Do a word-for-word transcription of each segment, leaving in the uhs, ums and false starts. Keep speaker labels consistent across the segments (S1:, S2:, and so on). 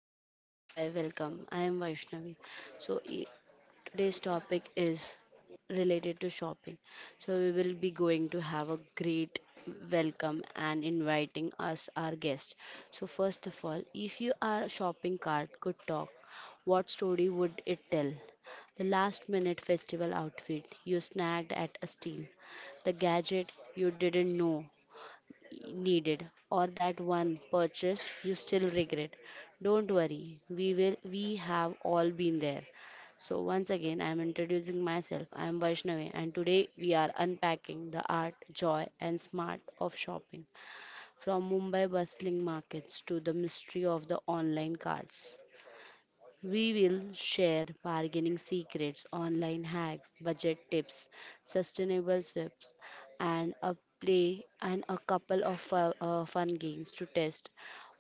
S1: Hello, hi, welcome. I am Vaishnavi. So, e- today's topic is related to shopping. So, we will be going to have a great welcome and inviting us our guest. So, first of all, if you are shopping cart could talk, what story would it tell? The last minute festival outfit you snagged at a steal, the gadget you didn't know needed, or that one purchase you still regret. Don't worry, we will we have all been there. So once again, I am introducing myself. I am Vaishnavi, and today we are unpacking the art, joy, and smart of shopping from Mumbai bustling markets to the mystery of the online carts. We will share bargaining secrets, online hacks, budget tips, sustainable swaps, and a play and a couple of fu- uh, fun games to test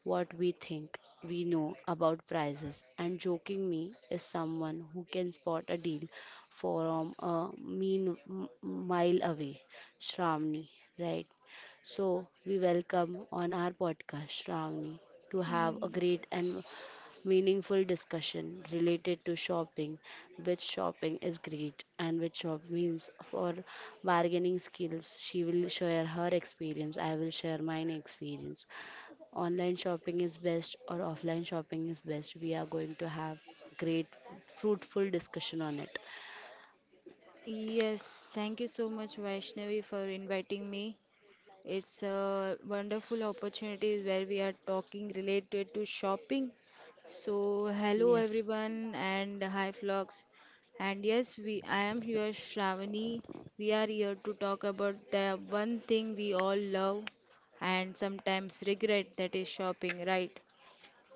S1: what we think we know about prices. And joking me is someone who can spot a deal from a mean m- mile away. Shramni, right? So we welcome on our podcast Shravani to have a great and meaningful discussion related to shopping, which shopping is great and which shop means for bargaining skills. She will share her experience, I will share mine experience. Online shopping is best or offline shopping is best. We are going to have great fruitful discussion on it.
S2: Yes, thank you so much, Vaishnavi, for inviting me. It's a wonderful opportunity where we are talking related to shopping. So, hello
S1: Yes.
S2: everyone, and hi vlogs. And yes, we I am here, Shravani. We are here to talk about the one thing we all love and sometimes regret, that is shopping, right?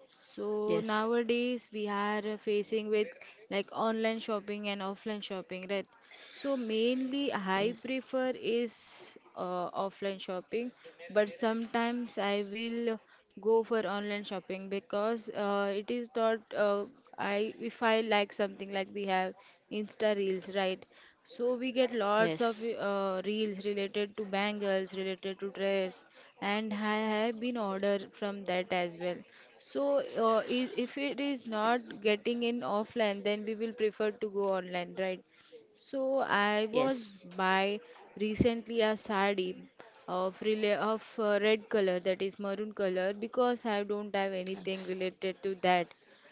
S2: So
S1: Yes.
S2: nowadays we are facing with like online shopping and offline shopping, right? So mainly I
S1: Yes.
S2: prefer is uh, offline shopping, but sometimes I will go for online shopping because uh, it is not uh, I if I like something, like we have Insta Reels, right? So we get lots
S1: Yes.
S2: of uh, reels related to bangles, related to dress, and I have been ordered from that as well. So uh, i- if it is not getting in offline, then we will prefer to go online, right? So I was
S1: Yes.
S2: by recently a sari of rela of uh, red color, that is maroon color, because I don't have anything
S1: Yes.
S2: related to that.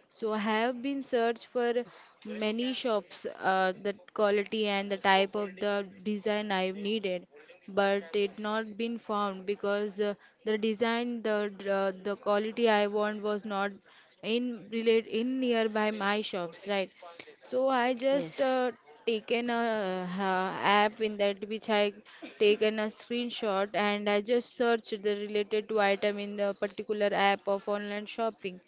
S2: So I have been searched for many shops, uh, the quality and the type of the design I needed, but it not been found because uh, the design the uh, the quality I want was not in relate in nearby my shops, right? So I just
S1: Yes.
S2: uh, taken a uh, app in that which I taken a screenshot, and I just searched the related to item in the particular app of online shopping.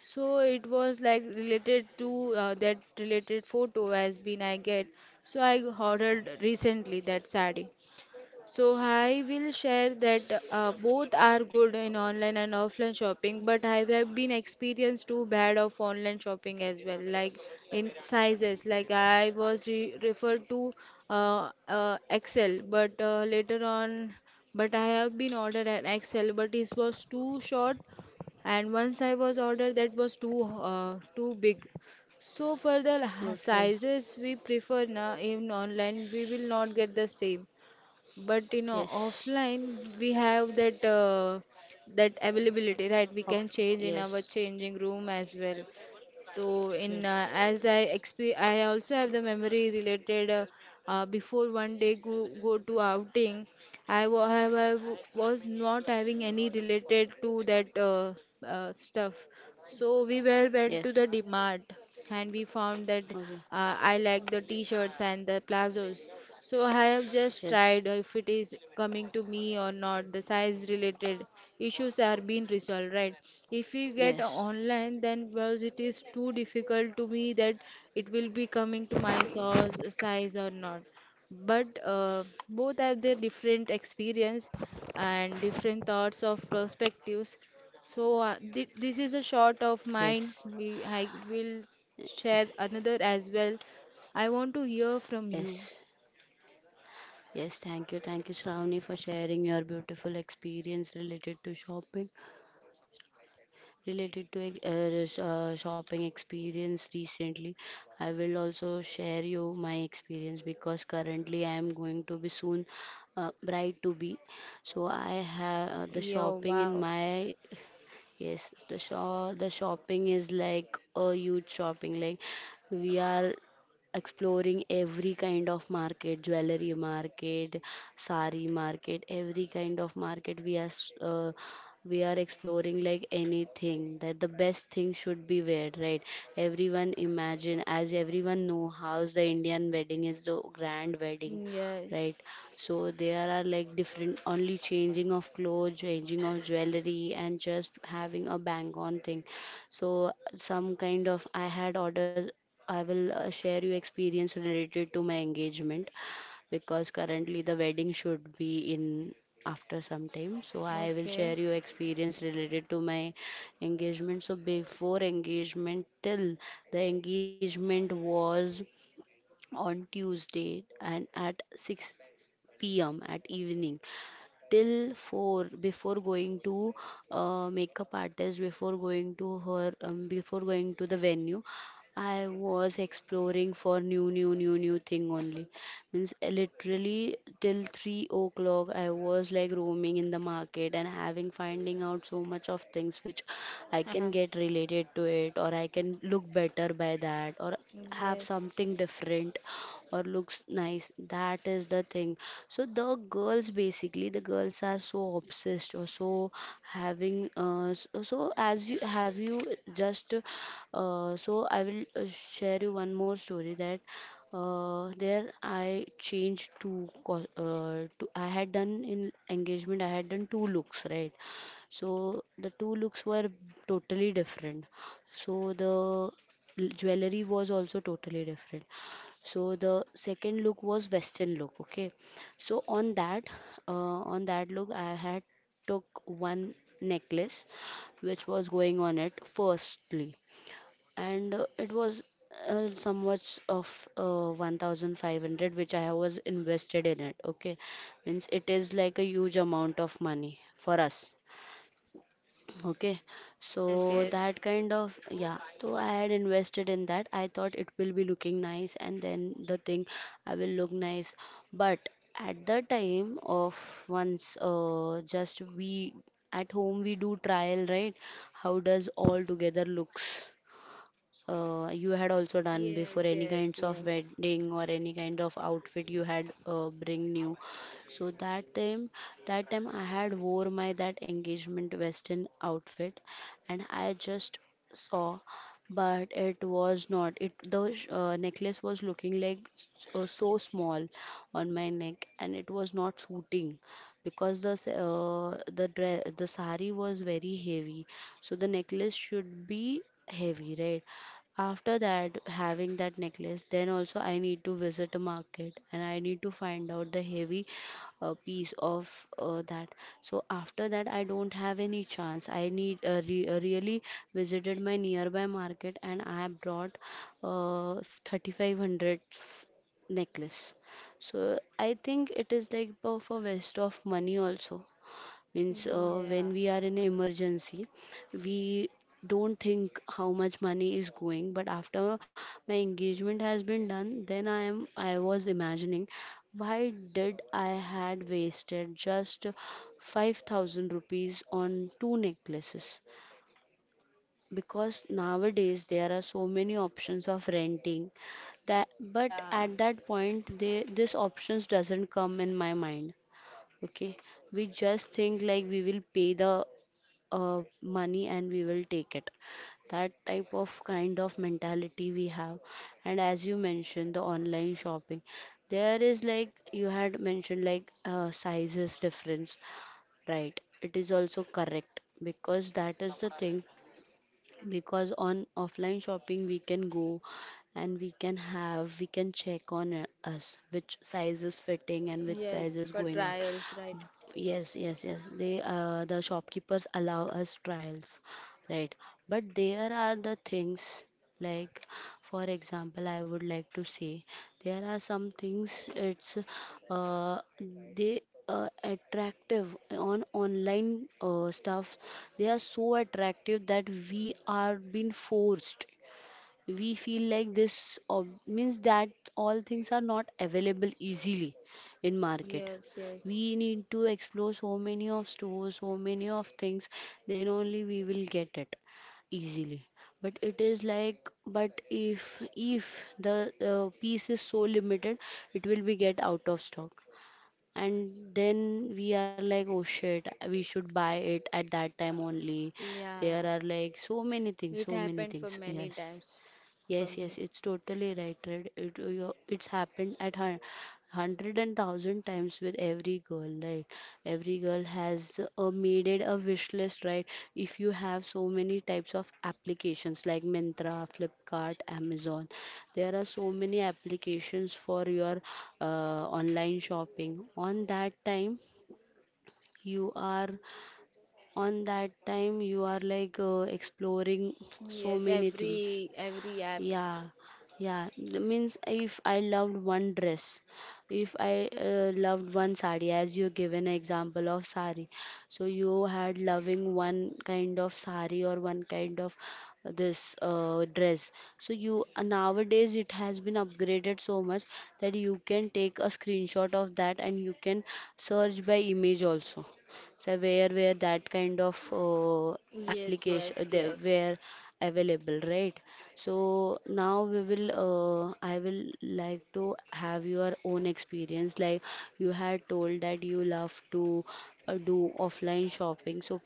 S2: So it was like related to uh, that related photo has been I get. So I ordered recently that sari. So I will share that uh, both are good in online and offline shopping, but I have been experienced too bad of online shopping as well, like in sizes. Like I was re referred to uh, uh, Excel, but uh, later on, but I have been ordered an Excel, but it was too short, and once I was ordered, that was too uh, too big. So for the la-
S1: Okay.
S2: sizes we prefer na in online, we will not get the same, but you know,
S1: Yes.
S2: offline we have that uh, that availability right? We
S1: Up.
S2: can change in our
S1: Yes.
S2: changing room as well. So in uh,
S1: Yes.
S2: as i exp- I also have the memory related, uh, uh, before one day go, go to outing. I wa- I wa- was not having any related to that uh, uh, stuff, so we were went to
S1: Yes.
S2: the dmart, and we found that
S1: Okay.
S2: uh, I like the t-shirts and the plazos. So I have just
S1: Yes.
S2: tried if it is coming to me or not. The size related issues are being resolved, right? If you get
S1: Yes,
S2: online, then because it is too difficult to me that it will be coming to my size size or not. But uh, both have their different experience and different thoughts of perspectives, so uh, thi- this is a short
S1: yes,
S2: of mine. We I will share another as well. I want to hear from
S1: yes,
S2: you.
S1: yes. Thank you, thank you, Shravani, for sharing your beautiful experience related to shopping, related to uh, s- uh, shopping experience recently. I will also share you my experience because currently I am going to be soon uh, bride to be. So I have uh, the
S2: Yeah,
S1: shopping in
S2: wow.
S1: my. Yes, the shop the shopping is like a huge shopping. Like we are exploring every kind of market, jewelry market, sari market, every kind of market. We are s- uh, we are exploring like anything that the best thing should be wear, right? Everyone imagine as everyone know how the Indian wedding is the grand wedding, right?
S2: Yes.
S1: So there are like different only changing of clothes, changing of jewelry, and just having a bang on thing. So some kind of I had ordered. I will uh, share you experience related to my engagement because currently the wedding should be in after some time, so I will
S2: Okay.
S1: share you experience related to my engagement. So before engagement, till the engagement was on Tuesday, and at six p m at evening, till four before going to uh, makeup artist, before going to her, um, before going to the venue. I was exploring for new, new, new, new thing only. Means uh, literally till three o'clock, I was like roaming in the market and having finding out so much of things which I can
S2: Uh-huh.
S1: get related to it, or I can look better by that, or have something
S2: Yes.
S1: different, or looks nice. That is the thing. So the girls, basically the girls are so obsessed or so having uh, s- uh, so as you have you just uh, so I will uh, share you one more story that uh, there I changed two. Cos- uh, to I had done in engagement, I had done two looks, right? So the two looks were totally different. So the l- jewelry was also totally different. So the second look was western look. Okay, so on that uh, on that look, I had took one necklace which was going on it firstly, and uh, it was uh, somewhat of uh, one thousand five hundred which I was invested in it. Okay, means it is like a huge amount of money for us. Okay,
S2: Yes,
S1: so
S2: yes.
S1: that kind of, yeah. So I had invested in that. I thought it will be looking nice, and then the thing I will look nice. But at the time of once, uh, just we at home we do trial, right? How does all together looks? Uh, you had also done before
S2: Yes,
S1: any
S2: yes,
S1: kinds of
S2: yes.
S1: wedding or any kind of outfit you had uh, bring new. So that time that time I had wore my that engagement western outfit, and I just saw, but it was not it. The sh- uh, necklace was looking like s- uh, so small on my neck, and it was not suiting because the s- uh, the dress, the sari was very heavy. So the necklace should be heavy, right? After that, having that necklace, then also I need to visit a market, and I need to find out the heavy uh, piece of uh, that. So after that, I don't have any chance. I need uh, re- uh, really visited my nearby market, and I brought uh, thirty-five hundred necklace. So I think it is like for a waste of money also. Means
S2: Mm,
S1: uh, when
S2: yeah.
S1: we are in emergency, we don't think how much money is going, but after my engagement has been done, then i am i was imagining why did I had wasted just five thousand rupees on two necklaces, because nowadays there are so many options of renting that, but
S2: Yeah.
S1: at that point, they this options doesn't come in my mind. Okay, we just think like we will pay the uh, money and we will take it. That type of kind of mentality we have. And as you mentioned the online shopping, there is like you had mentioned like uh, sizes difference, right? It is also correct, because that is the thing, because on offline shopping we can go, and we can have we can check on uh, us which size is fitting and which size
S2: Yes,
S1: is
S2: for
S1: going on.
S2: trials, right?
S1: Yes, yes, yes. They uh, the shopkeepers allow us trials, right? But there are the things like, for example, I would like to say there are some things, it's uh, they uh, attractive on online uh, stuff. They are so attractive that we are being forced. We feel like this ob- means that all things are not available easily in market.
S2: Yes,
S1: We
S2: yes.
S1: need to explore so many of stores, so many of things, then only we will get it easily. But it is like, but if if the uh, piece is so limited, it will be get out of stock, and then we are like, oh shit, we should buy it at that time only. There
S2: Yeah.
S1: are like so many things,
S2: It
S1: so many
S2: happened for
S1: things,
S2: many
S1: yes.
S2: times for
S1: Yes,
S2: me.
S1: yes, it's totally right, right? It, you- it's happened at hun- hundred and thousand times with every girl, right? Every girl has uh, made it a wish list, right? If you have so many types of applications like Mintra, Flipkart, Amazon, there are so many applications for your uh, online shopping. On that time, you are on that time you are like uh, exploring so
S2: Yes,
S1: many things.
S2: every every apps.
S1: Yeah, yeah. It means if I loved one dress, if I uh, loved one sari, as you given an example of sari, so you had loving one kind of sari or one kind of this uh, dress. So you uh, nowadays it has been upgraded so much that you can take a screenshot of that and you can search by image also, so where where that kind of uh,
S2: Yes, yes,
S1: application they
S2: yes.
S1: were available, right? So now we will uh, I will like to have your own experience, like you had told that you love to uh, do offline shopping. So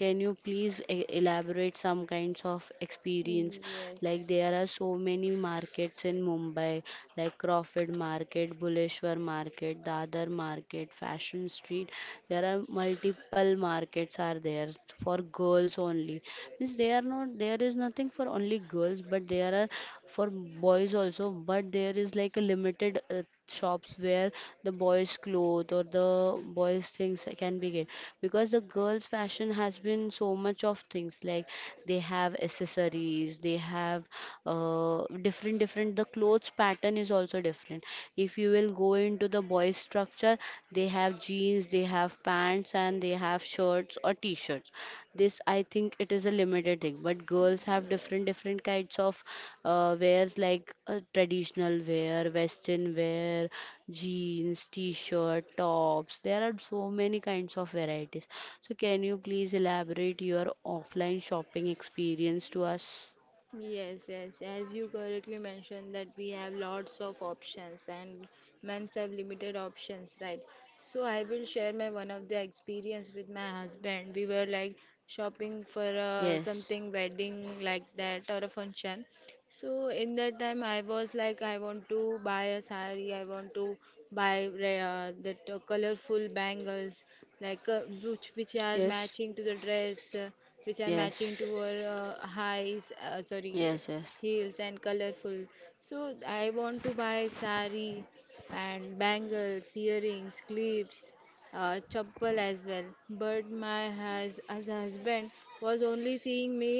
S1: can you please e- elaborate some kinds of experience? Like
S2: Yes,
S1: there are so many markets in Mumbai, like Crawford Market, Buleshwar Market, Dadar Market, Fashion Street. There are multiple markets are there for girls only. Means they are not, there is nothing for only girls, but there are for boys also. But there is like a limited uh, shops where the boys' clothes or the boys' things can be get, because the girls' fashion has been so much of things, like they have accessories, they have uh, different different. The clothes pattern is also different. If you will go into the boys' structure, they have jeans, they have pants, and they have shirts or t-shirts. This I think it is a limited thing, but girls have different different kinds of uh, wears, like uh, traditional wear, western wear, jeans, t-shirt, tops. There are so many kinds of varieties. So can you please elaborate your offline shopping experience to us?
S2: yes. Yes, yes. As you correctly mentioned, that we have lots of options and men have limited options, right? So I will share my one of the experience with my husband. We were like shopping for uh,
S1: Yes,
S2: something wedding like that or a function. So in that time, I was like, I want to buy a sari, I want to buy re- uh, that uh, colorful bangles, like uh, which which are
S1: yes,
S2: matching to the dress, uh, which are
S1: yes.
S2: matching to her uh, highs, uh, sorry,
S1: Yes, yes.
S2: heels and colorful. So I want to buy sari and bangles, earrings, clips, uh, chappal as well. But my hus- as husband was only seeing me,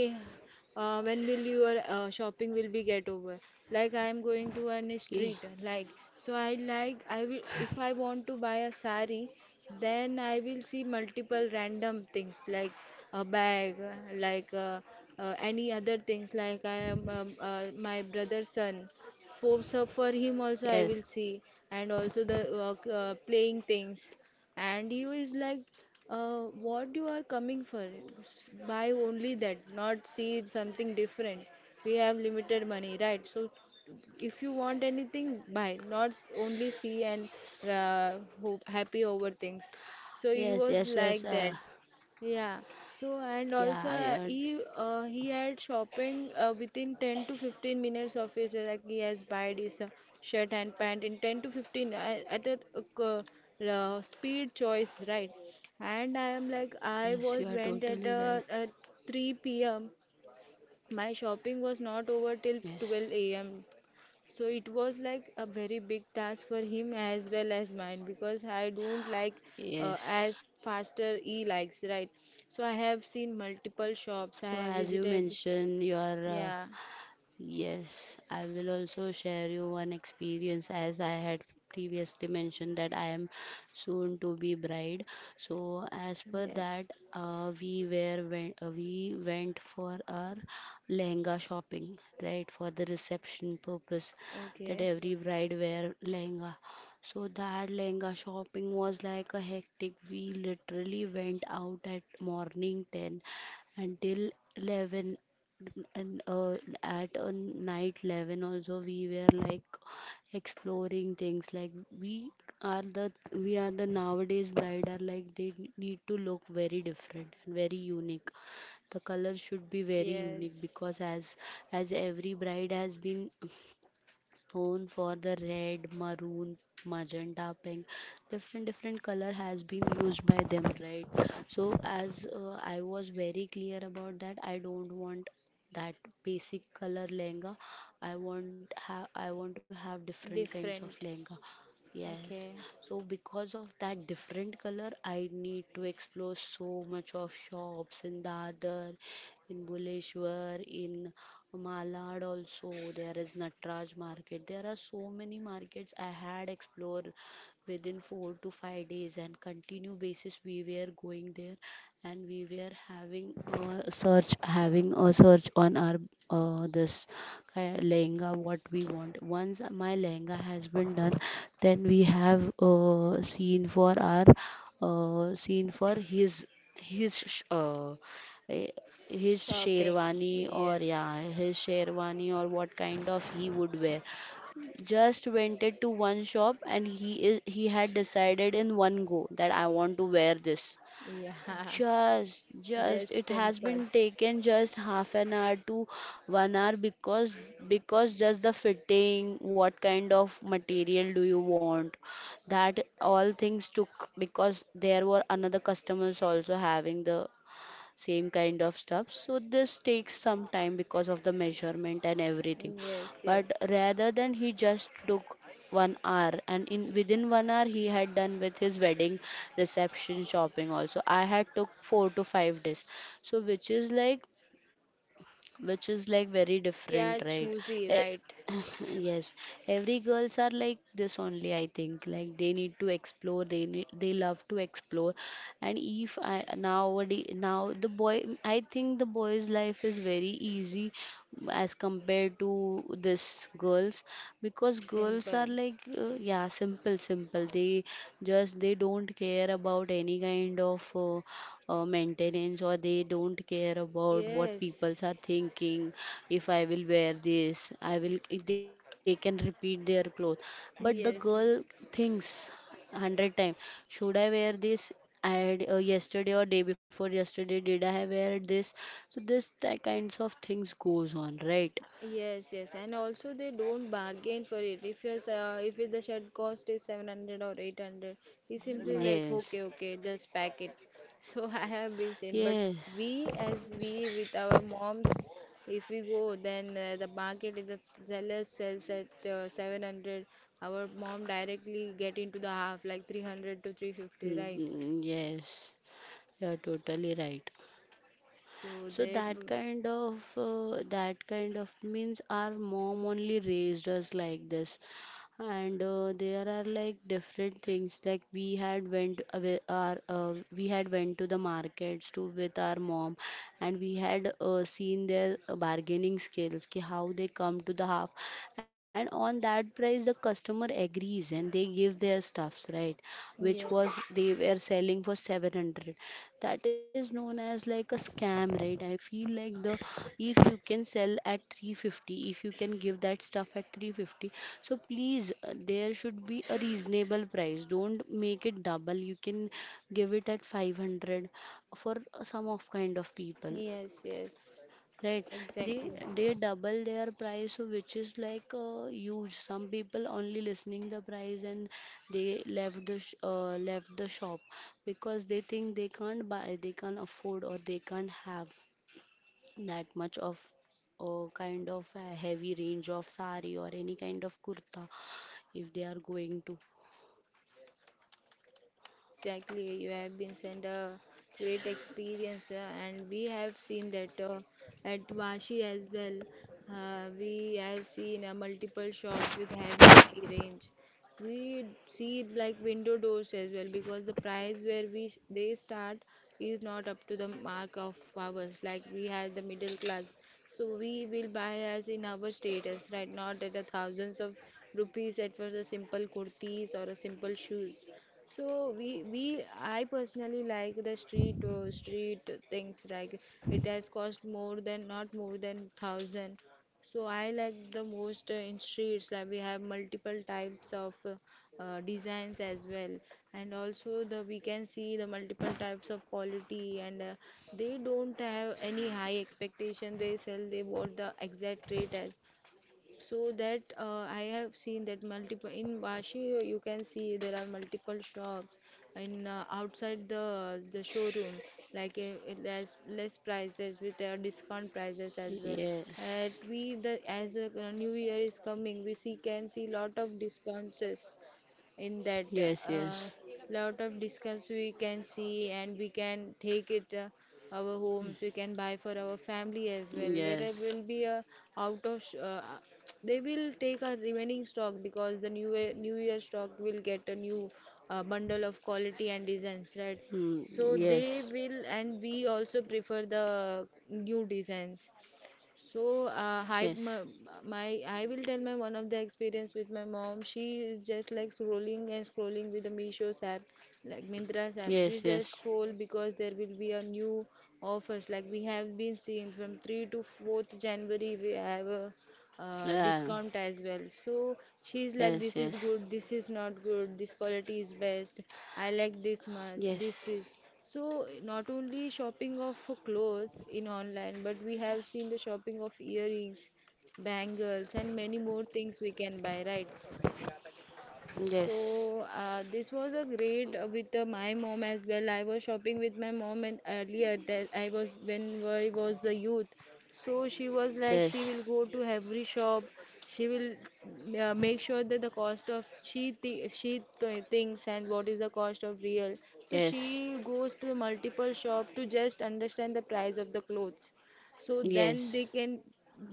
S2: uh, when will your uh, shopping will be get over, like I am going to any
S1: Ye-
S2: street, like, so i like i will if I want to buy a sari, then I will see multiple random things like a bag, uh, like uh, uh, any other things, like I am, um, uh, my brother's son, for so for him also I
S1: Yes.
S2: will see, and also the uh, c- uh, playing things. And you is like, uh, what you are coming for. S- buy only that, not see something different. We have limited money, right? So if you want anything, buy, not s- only see and uh, hope, happy over things. So he
S1: Yes,
S2: was
S1: yes, yes.
S2: like
S1: Uh,
S2: that, yeah. So, and also
S1: yeah,
S2: uh,
S1: you're,
S2: he uh, he had shopping uh, within ten to fifteen minutes of his, uh, like he has buyed his uh, shirt and pant in ten to fifteen, I- at a uh, co- uh, speed choice, right? And I am like I
S1: yes, you
S2: was
S1: are
S2: went at
S1: totally right.
S2: uh, at three p m My shopping was not over
S1: Yes,
S2: till twelve a m, so it was like a very big task for him as well as mine, because I don't like, uh,
S1: yes,
S2: as faster he likes, right? So I have
S1: yes,
S2: seen
S1: yes.
S2: multiple
S1: So
S2: shops, I have
S1: as you
S2: visited.
S1: mentioned, you are uh,
S2: Yeah.
S1: yes, I will also share you one experience as I had previously mentioned that I am soon to be bride. So as per that,
S2: Yes.
S1: uh, we were went, uh, we went for our lehenga shopping, right, for the reception purpose that
S2: Okay.
S1: every bride wear lehenga. So that lehenga shopping was like a hectic. We literally went out at morning ten until eleven and uh, at a night eleven also we were like exploring things like we are the we are the nowadays bride are like they need to look very different and very unique. The color should be very unique
S2: Yes,
S1: because as as every bride has been known for the red, maroon, magenta, pink. Different different color has been used by them, right? So as uh, I was very clear about that, I don't want that basic color lehenga. I want have I want to have different kinds of
S2: different.
S1: lehenga. Yes,
S2: Okay.
S1: so because of that different color, I need to explore so much of shops in Dadar, in Buleshwar, in Malad also. There is Natraj market. There are so many markets I had explored within four to five days and continue basis we were going there, and we were having a search having a search on our uh, this ki- lehenga what we want. Once my lehenga has been done, then we have uh, seen for our uh, seen for his his sh- uh, eh, his
S2: Shopping.
S1: sherwani, or
S2: Yes.
S1: yeah his sherwani, or what kind of he would wear. Just went to one shop, and he is he had decided in one go that I want to wear this.
S2: Yeah.
S1: Just, just
S2: Just
S1: it has
S2: simple.
S1: been taken just half an hour to one hour because because just the fitting, what kind of material do you want, that all things took, because there were another customers also having the same kind of stuff, so this takes some time because of the measurement and everything.
S2: Yes,
S1: But
S2: yes.
S1: rather than, he just took one hour, and in within one hour he had done with his wedding reception shopping also. I had took four to five days, so which is like which is like very
S2: We
S1: different,
S2: are
S1: right?
S2: choosy,
S1: Eh,
S2: right?
S1: Yes, every girls are like this only, I think. Like they need to explore, they need, they love to explore. And if I nowadays now the boy, I think the boy's life is very easy as compared to this girls, because girls are are
S2: Simple.
S1: like uh, yeah, simple simple they just they don't care about any kind of uh, uh, maintenance, or they don't care about what
S2: Yes,
S1: peoples are thinking. If I will wear this, I will they can repeat their clothes, but the girl
S2: yes.
S1: thinks one hundred times, should I wear this? I had uh, Yesterday or day before yesterday did I wear this? So this ti- kinds of things goes on, right?
S2: Yes, yes, and also they don't bargain for it. If your uh, if the shirt cost is seven hundred or eight hundred, you simply like
S1: Yes.
S2: okay, okay, just pack it. So I have been seen, but
S1: Yes.
S2: we as we with our moms, if we go, then uh, the market, if the seller sells at uh, seven hundred, our mom directly get into the half, like three hundred to three hundred fifty,
S1: Mm,
S2: right?
S1: mm, mm. Yes, you are totally right.
S2: So
S1: So
S2: that
S1: that
S2: w-
S1: kind of uh, that kind of means our mom only raised us like this. And uh, there are like different things. Like we had went away our uh, we had went to the markets too with our mom, and we had uh, seen their uh, bargaining skills ki how they come to the half, and on that price the customer agrees and they give their stuffs, right? Which
S2: yes,
S1: was they were selling for seven hundred, that is known as like a scam, right? I feel like the, if you can sell at three fifty, if you can give that stuff at three fifty, so please uh, there should be a reasonable price. Don't make it double, you can give it at five hundred for some of kind of people.
S2: yes, yes,
S1: Right, they
S2: exactly.
S1: they double their price, so which is like uh, huge. Some people only listening the price and they left the sh uh, left the shop, because they think they can't buy, they can't afford, or they can't have that much of uh, kind of a heavy range of sari or any kind of kurta if they are going to.
S2: Exactly, you have been sent a great experience, uh, and we have seen that uh, at Vashi as well. Uh, we have seen uh, multiple shops with heavy high range. We see like window doors as well, because the price where we sh- they start is not up to the mark of ours. Like we had the middle class, so we will buy as in our status, right? Not at the thousands of rupees at for the simple kurtis or a simple shoes. So we we I personally like the street, uh, street things, like it has cost more than not more than thousand. So I like the most, uh, in streets, like we have multiple types of uh, uh, designs as well, and also the we can see the multiple types of quality, and uh, they don't have any high expectation. They sell they what the exact rate as. So that, uh, I have seen that multiple in washi, you you can see there are multiple shops in, uh, outside the the showroom, like uh, uh, less less prices with their discount prices as well,
S1: Yes,
S2: and we, the as a uh, new year is coming, we see can see lot of discounts in that,
S1: yes,
S2: uh,
S1: yes,
S2: lot of discounts we can see, and we can take it, uh, our homes, we can buy for our family as well. There
S1: yes,
S2: will be a out of sh- uh, uh, they will take our remaining stock, because the new year, new year stock will get a new uh, bundle of quality and designs, right?
S1: mm,
S2: So they
S1: yes,
S2: will, and we also prefer the new designs. So uh, I
S1: yes,
S2: my, my I will tell my one of the experience with my mom. She is just like scrolling and scrolling with the Meesho's app, like Mintra's app. She
S1: yes,
S2: just
S1: yes.
S2: scroll because there will be a new offers. Like we have been seeing from third to fourth January, we have a uh,
S1: Yeah.
S2: discount as well. So she's like,
S1: Yes,
S2: this is
S1: yes,
S2: good, this is not good, this quality is best, I like this much, this
S1: yes,
S2: is. So not only shopping of clothes in online, but we have seen the shopping of earrings, bangles, and many more things we can buy, right?
S1: yes,
S2: So uh, this was a great, uh, with uh, my mom as well. I was shopping with my mom, and earlier that I was when I was a youth. So she was like
S1: yes,
S2: she will go to every shop. She will uh, make sure that the cost of she th she th thinks and what is the cost of real. So she
S1: yes,
S2: goes to multiple shop to just understand the price of the clothes so then
S1: yes,
S2: they can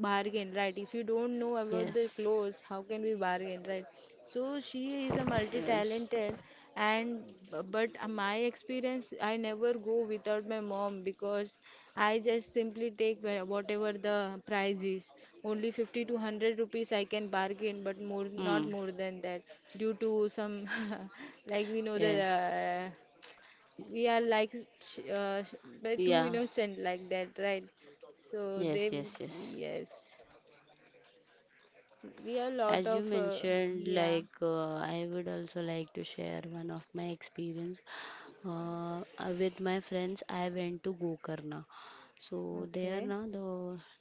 S2: bargain, right? If you don't know about the
S1: yes,
S2: clothes, how can we bargain, right? So she is a
S1: yes.
S2: multi-talented. And But uh, my experience, I never go without my mom because I just simply take where- whatever the price is. Only fifty to one hundred rupees I can bargain,
S1: Hmm.
S2: but more not more than that due to some like
S1: Yes.
S2: we know the, we are like sh- uh, sh- we're
S1: Yeah.
S2: too innocent like that, right? So
S1: Yes,
S2: they,
S1: yes, yes.
S2: yes, we are a lot
S1: As you
S2: of uh,
S1: mentioned,
S2: yeah,
S1: like uh, I would also like to share one of my experience. Uh, uh, with my friends, I went to Gokarna. So there
S2: okay,
S1: now the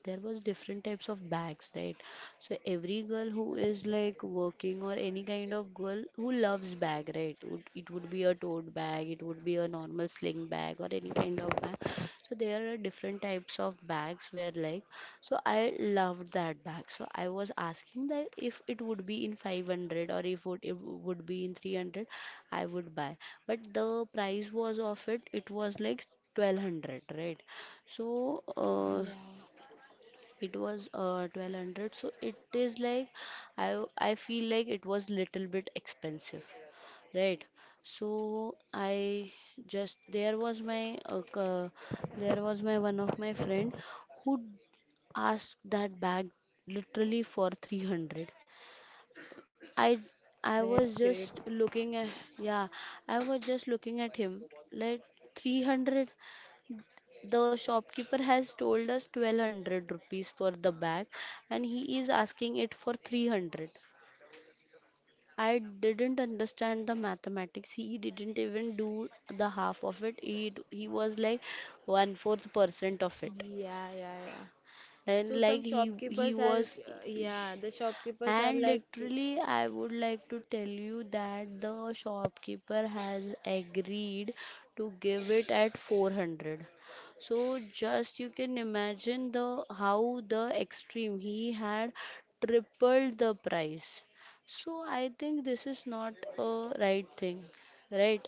S1: there was different types of bags, right? So every girl who is like working or any kind of girl who loves bag, right, would, it would be a tote bag, it would be a normal sling bag or any kind of bag. So there are different types of bags where, like, so I loved that bag, so I was asking that if it would be in five hundred or if would it would be in three hundred I would buy. But the price was of it it was like twelve hundred, right? So uh,
S2: yeah.
S1: it was uh, twelve hundred. So it is like I w- I feel like it was little bit expensive, right? So I just there was my uh, c- there was my one of my friend who asked that bag literally for three hundred. I I
S2: and
S1: was
S2: That's great.
S1: just looking at, yeah, I was just looking at him like three hundred. The shopkeeper has told us twelve hundred rupees for the bag, and he is asking it for three hundred. I didn't understand the mathematics. He didn't even do the half of it. He, d- he was like one fourth percent of it.
S2: Yeah, yeah, yeah.
S1: And
S2: So some
S1: like he he
S2: shopkeepers are
S1: was.
S2: uh, yeah, the shopkeepers are
S1: And
S2: like.
S1: literally, I would like to tell you that the shopkeeper has agreed to give it at four hundred. So just you can imagine the how the extreme he had tripled the price. So I think this is not a right thing, right?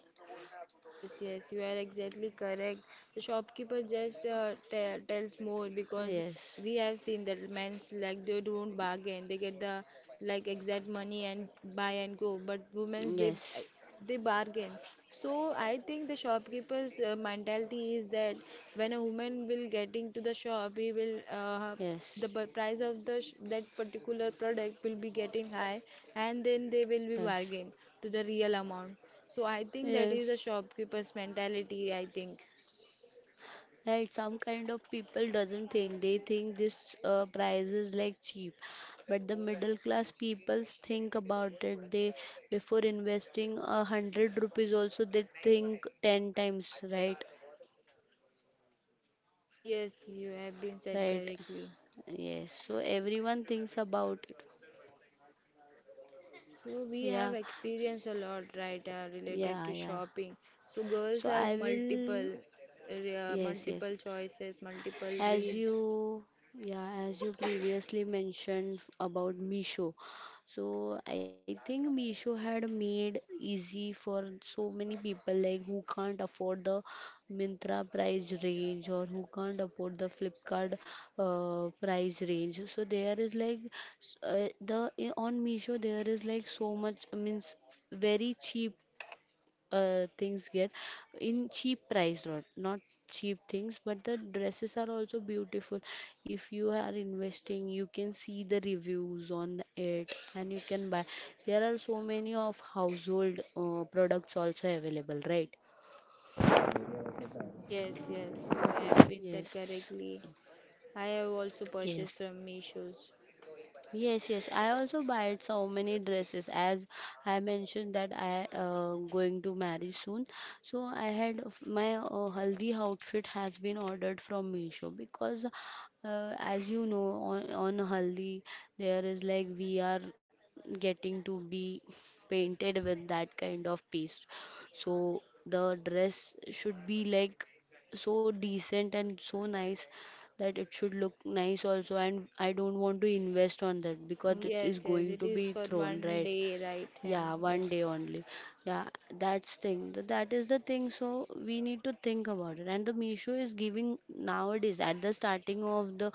S2: Yes, yes, you are exactly correct. The shopkeeper just uh, te tells more because
S1: Yes,
S2: we have seen that men's like they don't bargain. They get the like exact money and buy and go. But women's, they
S1: yes,
S2: they bargain. So I think the shopkeeper's uh, mentality is that when a woman will getting to the shop, he will uh,
S1: yes,
S2: the bu- price of the sh- that particular product will be getting high, and then they will be
S1: yes,
S2: bargain to the real amount. So I think that is a
S1: yes.
S2: shopkeeper's mentality, I think.
S1: Right, some kind of people doesn't think, they think this uh, price is like cheap, but the middle class people think about it. They, before investing a hundred rupees also, they think ten times. Right,
S2: Yes, you have been said
S1: right.
S2: correctly.
S1: Yes. So everyone thinks about it.
S2: So we have
S1: Yeah,
S2: experienced a lot, right, uh, related
S1: yeah,
S2: to
S1: yeah.
S2: shopping. So girls
S1: So
S2: have
S1: I will.
S2: multiple, uh,
S1: Yes,
S2: multiple
S1: yes.
S2: choices, multiple
S1: As
S2: dreams.
S1: you, yeah, as you previously mentioned f- about Meesho, so I think Meesho had made easy for so many people like who can't afford the Myntra price range, or who can't afford the Flipkart uh, price range. So there is like s- uh, the i- on Meesho there is like so much, means very cheap uh, things get in cheap price. Not not cheap things, but the dresses are also beautiful. If you are investing, you can see the reviews on it and you can buy. There are so many of household uh, products also available, right?
S2: Yes, yes, you have been
S1: Yes,
S2: said correctly. I have also
S1: yes.
S2: purchased from Meesho's.
S1: Yes, yes. I also buy so many dresses, as I mentioned that I uh, going to marry soon. So I had f- my uh, haldi outfit has been ordered from Meesho, because uh, as you know on on haldi there is like we are getting to be painted with that kind of paste. So the dress should be like so decent and so nice, that it should look nice also, and I don't want to invest on that because it is
S2: Yes, yes,
S1: going
S2: it
S1: to
S2: is
S1: be
S2: for
S1: thrown,
S2: one
S1: right?
S2: day, right? Yeah,
S1: Yeah,
S2: yeah.
S1: one day only. Yeah, that's thing. Th- That is the thing. So we need to think about it. And the Meesho is giving nowadays at the starting of the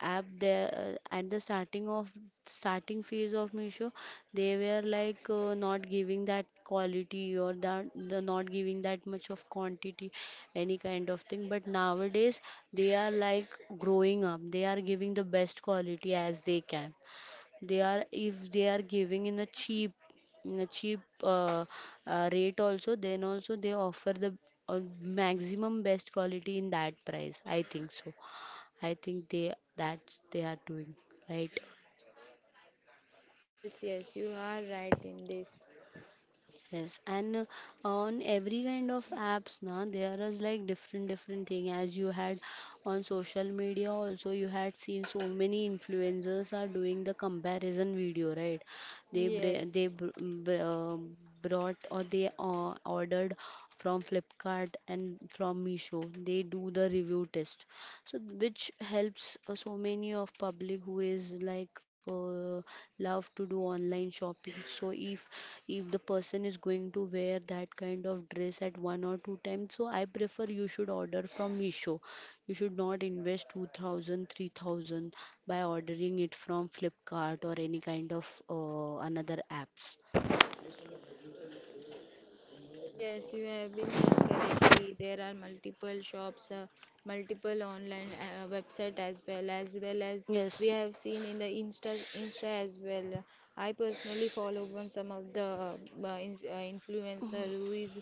S1: app, there uh, at the starting of starting phase of Meesho, they were like uh, not giving that quality, or that the not giving that much of quantity, any kind of thing. But nowadays they are like growing up. They are giving the best quality as they can. They are, if they are giving in a cheap in a cheap uh, uh, rate also, then also they offer the uh, maximum best quality in that price, I think so. I think they, that's they are doing right.
S2: Yes, yes, you are right in this.
S1: Yes, and uh, on every kind of apps now there is like different different thing, as you had on social media also. You had seen so many influencers are doing the comparison video, right? They br- they
S2: Yes.
S1: br- mm, br- uh, brought, or they uh, ordered from Flipkart, and from Meesho they do the review test. So which helps uh, so many of public who is like uh, love to do online shopping. So if if the person is going to wear that kind of dress at one or two times, so I prefer you should order from Meesho. You should not invest two thousand, three thousand by ordering it from Flipkart or any kind of uh, another apps.
S2: Yes, you have been said correctly. There are multiple shops, uh, multiple online uh, uh, website as well, as well as we
S1: Yes.
S2: have seen in the Insta, Insta as well. I personally follow one some of the uh, ins- uh, influencer who is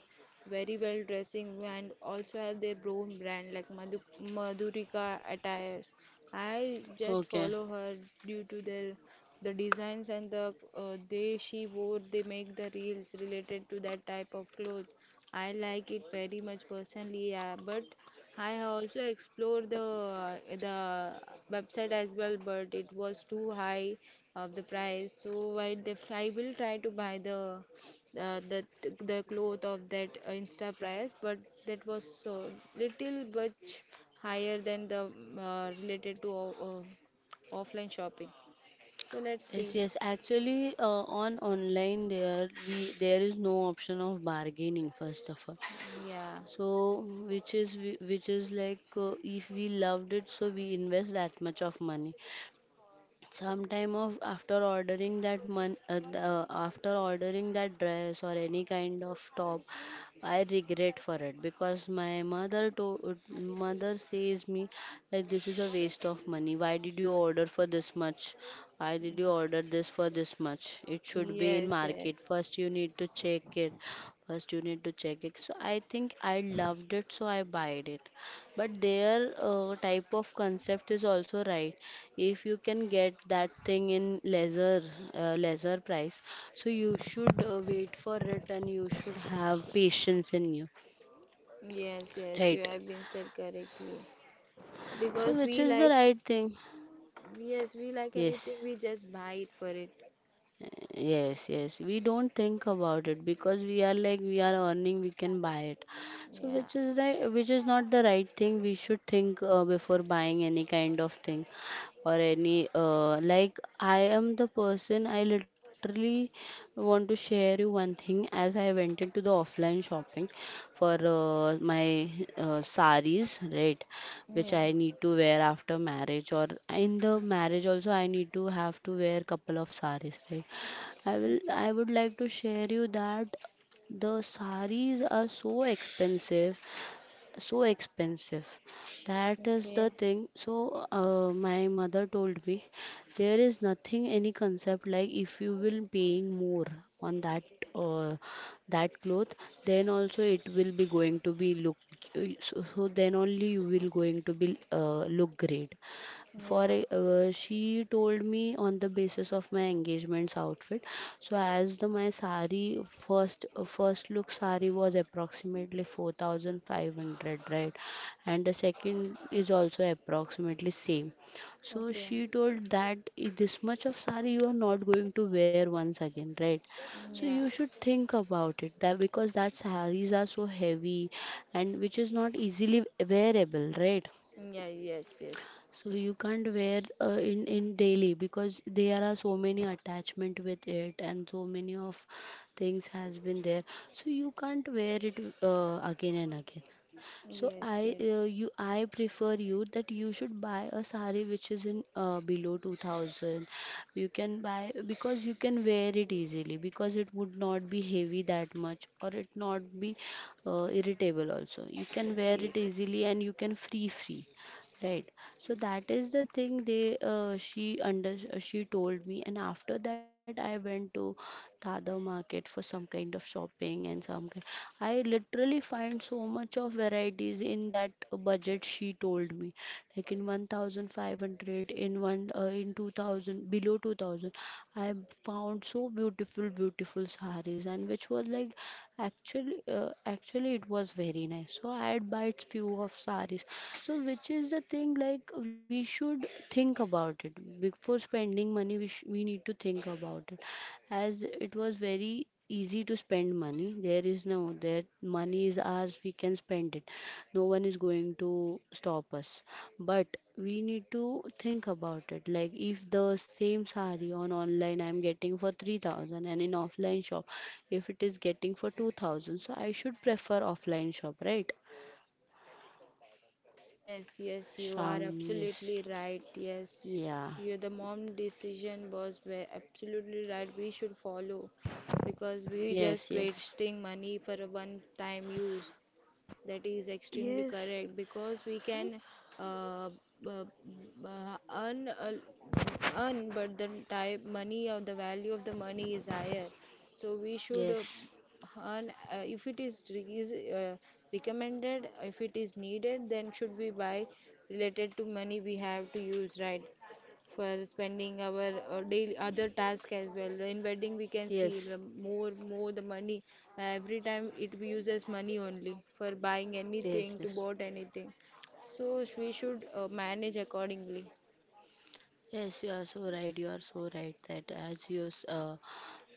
S2: very well dressing and also have their own brand like Madhu, Madhurika attires. I just
S1: Okay.
S2: follow her due to their the designs and the uh, they she wore. They make the reels related to that type of clothes. I like it very much personally, uh, but I also explore the uh, the website as well, but it was too high of the price. So i def- I will try to buy the uh, the the cloth of that Insta price, but that was so little much higher than the uh, related to uh, offline shopping, so let's see.
S1: Yes, yes. Actually, uh, on online there we there is no option of bargaining first of all.
S2: Yeah.
S1: So which is we- which is like uh, if we loved it, so we invest that much of money sometime of after ordering that mon- uh, th- uh, after ordering that dress or any kind of top. I regret for it because my mother to mother says me that this is a waste of money. Why did you order for this much? Why did you order this for this much? It should be in
S2: Yes,
S1: market.
S2: yes.
S1: First you need to check it, first you need to check it. So I think I loved it so I buyed it, but their uh, type of concept is also right. If you can get that thing in lesser, uh, lesser price, so you should uh, wait for it and you should have patience in you,
S2: Yes, yes, you
S1: right?
S2: have been said correctly.
S1: So
S2: Because
S1: which
S2: we
S1: is the
S2: like,
S1: right thing.
S2: yes, we like
S1: Yes.
S2: anything, we just buy it for it.
S1: Yes, yes. We don't think about it because we are like we are earning, we can buy it. So
S2: Yeah.
S1: which is right, which is not the right thing. We should think uh, before buying any kind of thing or any uh, like. I am the person, I literally want to share you one thing. As I went into the offline shopping for uh, my uh, saris, right? Which
S2: Yeah.
S1: I need to wear after marriage, or in the marriage also I need to have to wear couple of saris, right? I will
S2: Okay.
S1: I would like to share you that the saris are so expensive, so expensive. That is
S2: Okay.
S1: the thing. So uh, my mother told me there is nothing any concept like if you will paying more on that, uh, that cloth, then also it will be going to be look so, so then only you will going to be uh, look great. For
S2: Yeah.
S1: e- uh, she told me on the basis of my engagement's outfit. So as the my sari, first uh, first look sari was approximately four thousand five hundred, right? And the second is also approximately same. So
S2: Okay.
S1: she told that "I- this much of sari you are not going to wear once again, right? So
S2: Yeah.
S1: you should think about it, that because that saris are so heavy and which is not easily wearable, right?
S2: Yeah, yes, yes.
S1: So you can't wear uh, in in daily, because there are so many attachment with it and so many of things has been there. So you can't wear it uh, again and again. So
S2: Yes,
S1: I uh,
S2: yes.
S1: you I prefer you that you should buy a sari which is in uh, below two thousand. You can buy, because you can wear it easily because it would not be heavy that much, or it not be uh, irritable also. You can wear it easily
S2: Yes.
S1: and you can free free. Right. So that is the thing, they uh, she under uh, she told me. And after that I went to Dada market for some kind of shopping and some kind. I literally find so much of varieties in that budget she told me, like in fifteen hundred, in one uh, in two thousand, below two thousand. I found so beautiful beautiful saris and which was like, actually uh, actually it was very nice. So I had bought few of saris. So which is the thing like we should think about it. Before spending money we sh- we need to think about it, as it was very easy to spend money. There is no, that money is ours, we can spend it, no one is going to stop us. But we need to think about it, like if the same sari on online I'm getting for three thousand and in offline shop if it is getting for two thousand, so I should prefer offline shop, right?
S2: Yes, yes, you are
S1: Shravani, yes,
S2: absolutely right. Yes,
S1: yeah.
S2: you, the mom decision was ve- absolutely right. We should follow because we
S1: Yes,
S2: just
S1: yes.
S2: wasting money for a one time use. That is extremely
S1: Yes.
S2: correct because we can uh, b- b- earn, a l- earn, but the type money or the value of the money is higher. So we should uh,
S1: Yes,
S2: earn uh, if it is, re- is uh, recommended, if it is needed, then should we buy related to money we have to use, right? For spending our uh, daily other task as well. In wedding, we can see the
S1: yes,
S2: more more the money. Every time it we uses money only for buying
S1: yes,
S2: anything to
S1: yes.
S2: bought anything. So we should uh, manage accordingly.
S1: Yes, you are so right. You are so right that as you, s- uh,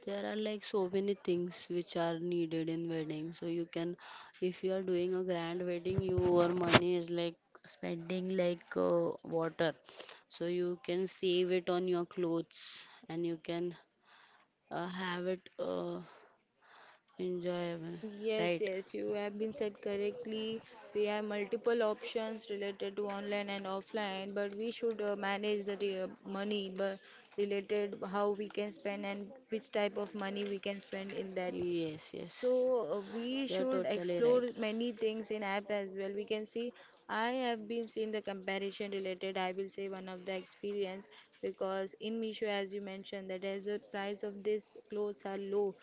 S1: there are like so many things which are needed in wedding. So you can, if you are doing a grand wedding, your money is like spending like uh, water. So you can save it on your clothes and you can uh, have it uh, enjoyable,
S2: Yes,
S1: right?
S2: yes, you have been said correctly. We have multiple options related to online and offline, but we should uh, manage the re- uh, money, but related how we can spend and which type of money we can spend in that.
S1: Yes, yes.
S2: So uh,
S1: You
S2: we
S1: are
S2: should
S1: totally right.
S2: explore many things in app as well. We can see I have been seeing the comparison related. I will say one of the experience because in Meesho, as you mentioned, that as the price of this clothes are low,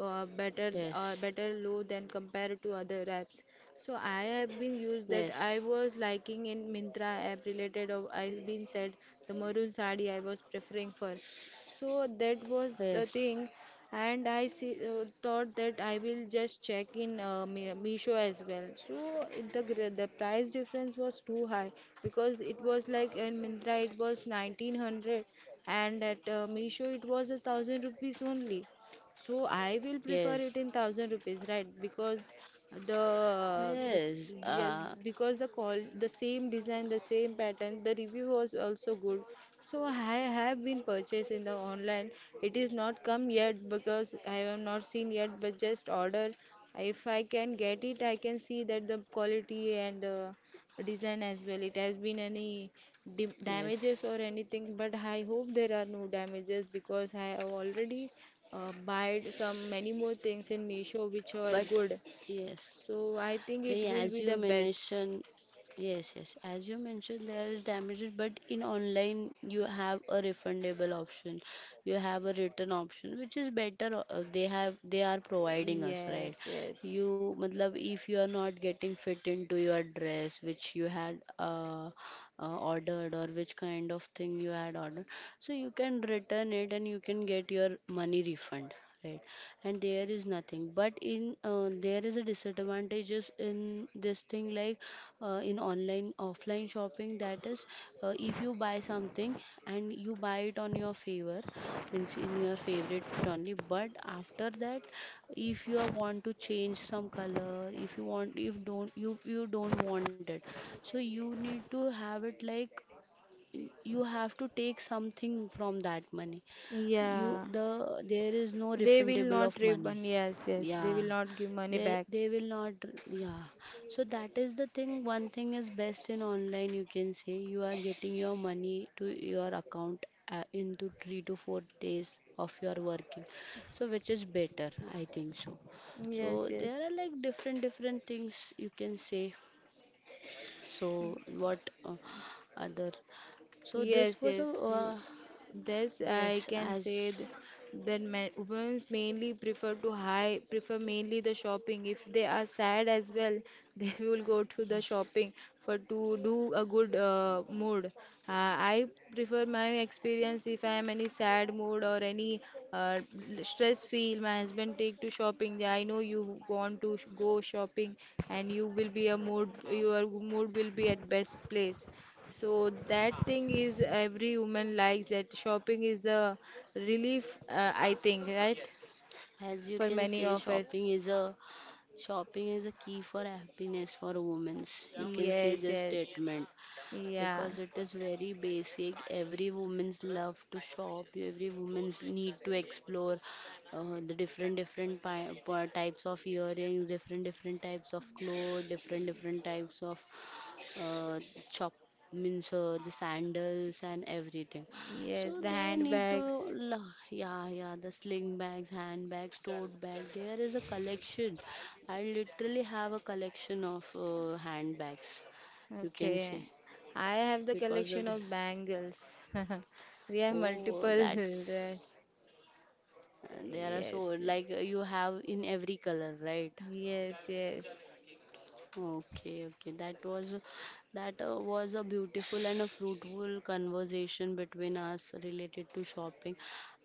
S2: uh, better uh,
S1: Yes,
S2: better low than compared to other apps. So I have been used
S1: yes,
S2: that I was liking in Mintra app related of I've been said the maroon sari I was preferring for. So that was the
S1: yes,
S2: thing, and I see, uh, thought that I will just check in uh, Me- Meesho as well. So it- the gr- the price difference was too high because it was like uh, in Myntra it was nineteen hundred and at uh, Meesho it was a thousand rupees only. So I will prefer
S1: yes.
S2: it in thousand rupees, right? Because the the
S1: Yes,
S2: yeah,
S1: uh,
S2: because the call the same design, the same pattern, the review was also good. So I have been purchased in the online. It is not come yet because I have not seen yet, but just order. If I can get it, I can see that the quality and the design as well. It has been any dim damages
S1: yes,
S2: or anything, but I hope there are no damages because I have already uh, buyed some many more things in Meesho which are
S1: but
S2: good.
S1: yes,
S2: So I think
S1: they
S2: it will
S1: as
S2: be
S1: you
S2: the best.
S1: mentioned, yes, yes, as you mentioned, there is damages, but in online you have a refundable option, you have a return option, which is better. uh, They have they are providing us, right?
S2: Yes,
S1: You
S2: yes.
S1: matlab if you are not getting fit into your dress which you had uh, uh, ordered or which kind of thing you had ordered, so you can return it and you can get your money refund, right? And there is nothing, but in uh, there is a disadvantages in this thing, like uh, in online offline shopping, that is, uh, if you buy something and you buy it on your favor, means in your favorite only. But after that, if you are want to change some color, if you want, if don't you you don't want it, so you need to have it like, you have to take something from that money. you
S2: Yeah,
S1: the there is no
S2: they will
S1: refundable of
S2: not
S1: money.
S2: refund. Yes, yes, they
S1: Yeah,
S2: will not give money
S1: they
S2: back.
S1: they will not. Yeah. So that is the thing, one thing is best in online, you can say you are getting your money to your account uh, into three to four days of your working. So which is better, I think so. So
S2: Yes,
S1: there are
S2: yes.
S1: like different different things you can say. So what, uh, other, so this
S2: Yes,
S1: was a
S2: yes. You,
S1: uh,
S2: this I
S1: yes,
S2: can say
S1: as
S2: th- that men, women mainly prefer to high prefer mainly the shopping. If they are sad as well, they will go to the
S1: yes,
S2: shopping for to do a good uh, mood. Uh, I prefer my experience if I am any sad mood or any uh, stress feel. My husband take to shopping. Yeah, I know you want to sh- go shopping, and you will be a mood. Your mood will be at best place. So that thing is every woman likes that shopping is the relief, uh, I think, right?
S1: as you
S2: For
S1: can
S2: many
S1: say,
S2: of
S1: shopping
S2: us.
S1: is a shopping is a key for happiness for women's. You can say
S2: Yes,
S1: this
S2: yes.
S1: statement,
S2: Yeah,
S1: because it is very basic. Every woman's love to shop. Every woman's need to explore uh, the different different pi- pa- types of earrings, different different types of clothes, different different types of uh, chop, means uh, the sandals and everything.
S2: yes,
S1: So
S2: the
S1: they need to
S2: handbags.
S1: la- yeah yeah, the sling bags, handbags, tote bag. There is a collection. I literally have a collection of uh, handbags. You can
S2: Okay.
S1: see,
S2: I have the
S1: because that,
S2: collection of bangles. We have
S1: oh
S2: multiple.
S1: that's,
S2: dress-
S1: uh, there are so
S2: Yes,
S1: like uh, you have in every color, right?
S2: yes, yes.
S1: Okay, okay. That was, that uh, was a beautiful and a fruitful conversation between us related to shopping.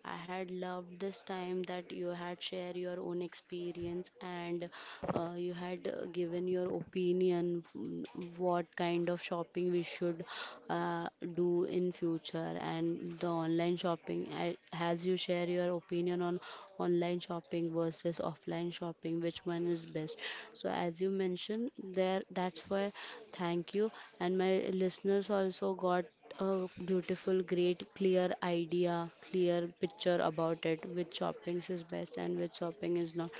S1: I had loved this time that you had shared your own experience and uh, you had uh, given your opinion, mm, what kind of shopping we should uh, do in future, and the online shopping. I, as you share your your opinion on online shopping versus offline shopping, which one is best. So as you mentioned there, that's why thank you. And my listeners also got a beautiful, great, clear idea, clear picture about it, which shopping is best and which shopping is not.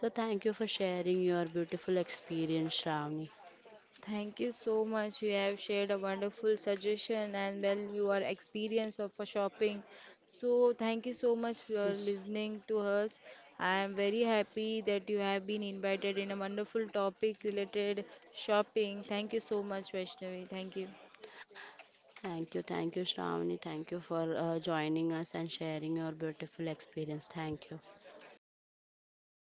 S1: So thank you for sharing your beautiful experience, Shravani.
S2: Thank you so much. You have shared a wonderful suggestion and well your experience of a shopping. So thank you so much for
S1: Yes.
S2: listening to us. I am very happy that you have been invited in a wonderful topic related shopping. Thank you so much, Vaishnavi. Thank you.
S1: Thank you, thank you, Shravani. Thank you for uh, joining us and sharing your beautiful experience. Thank you.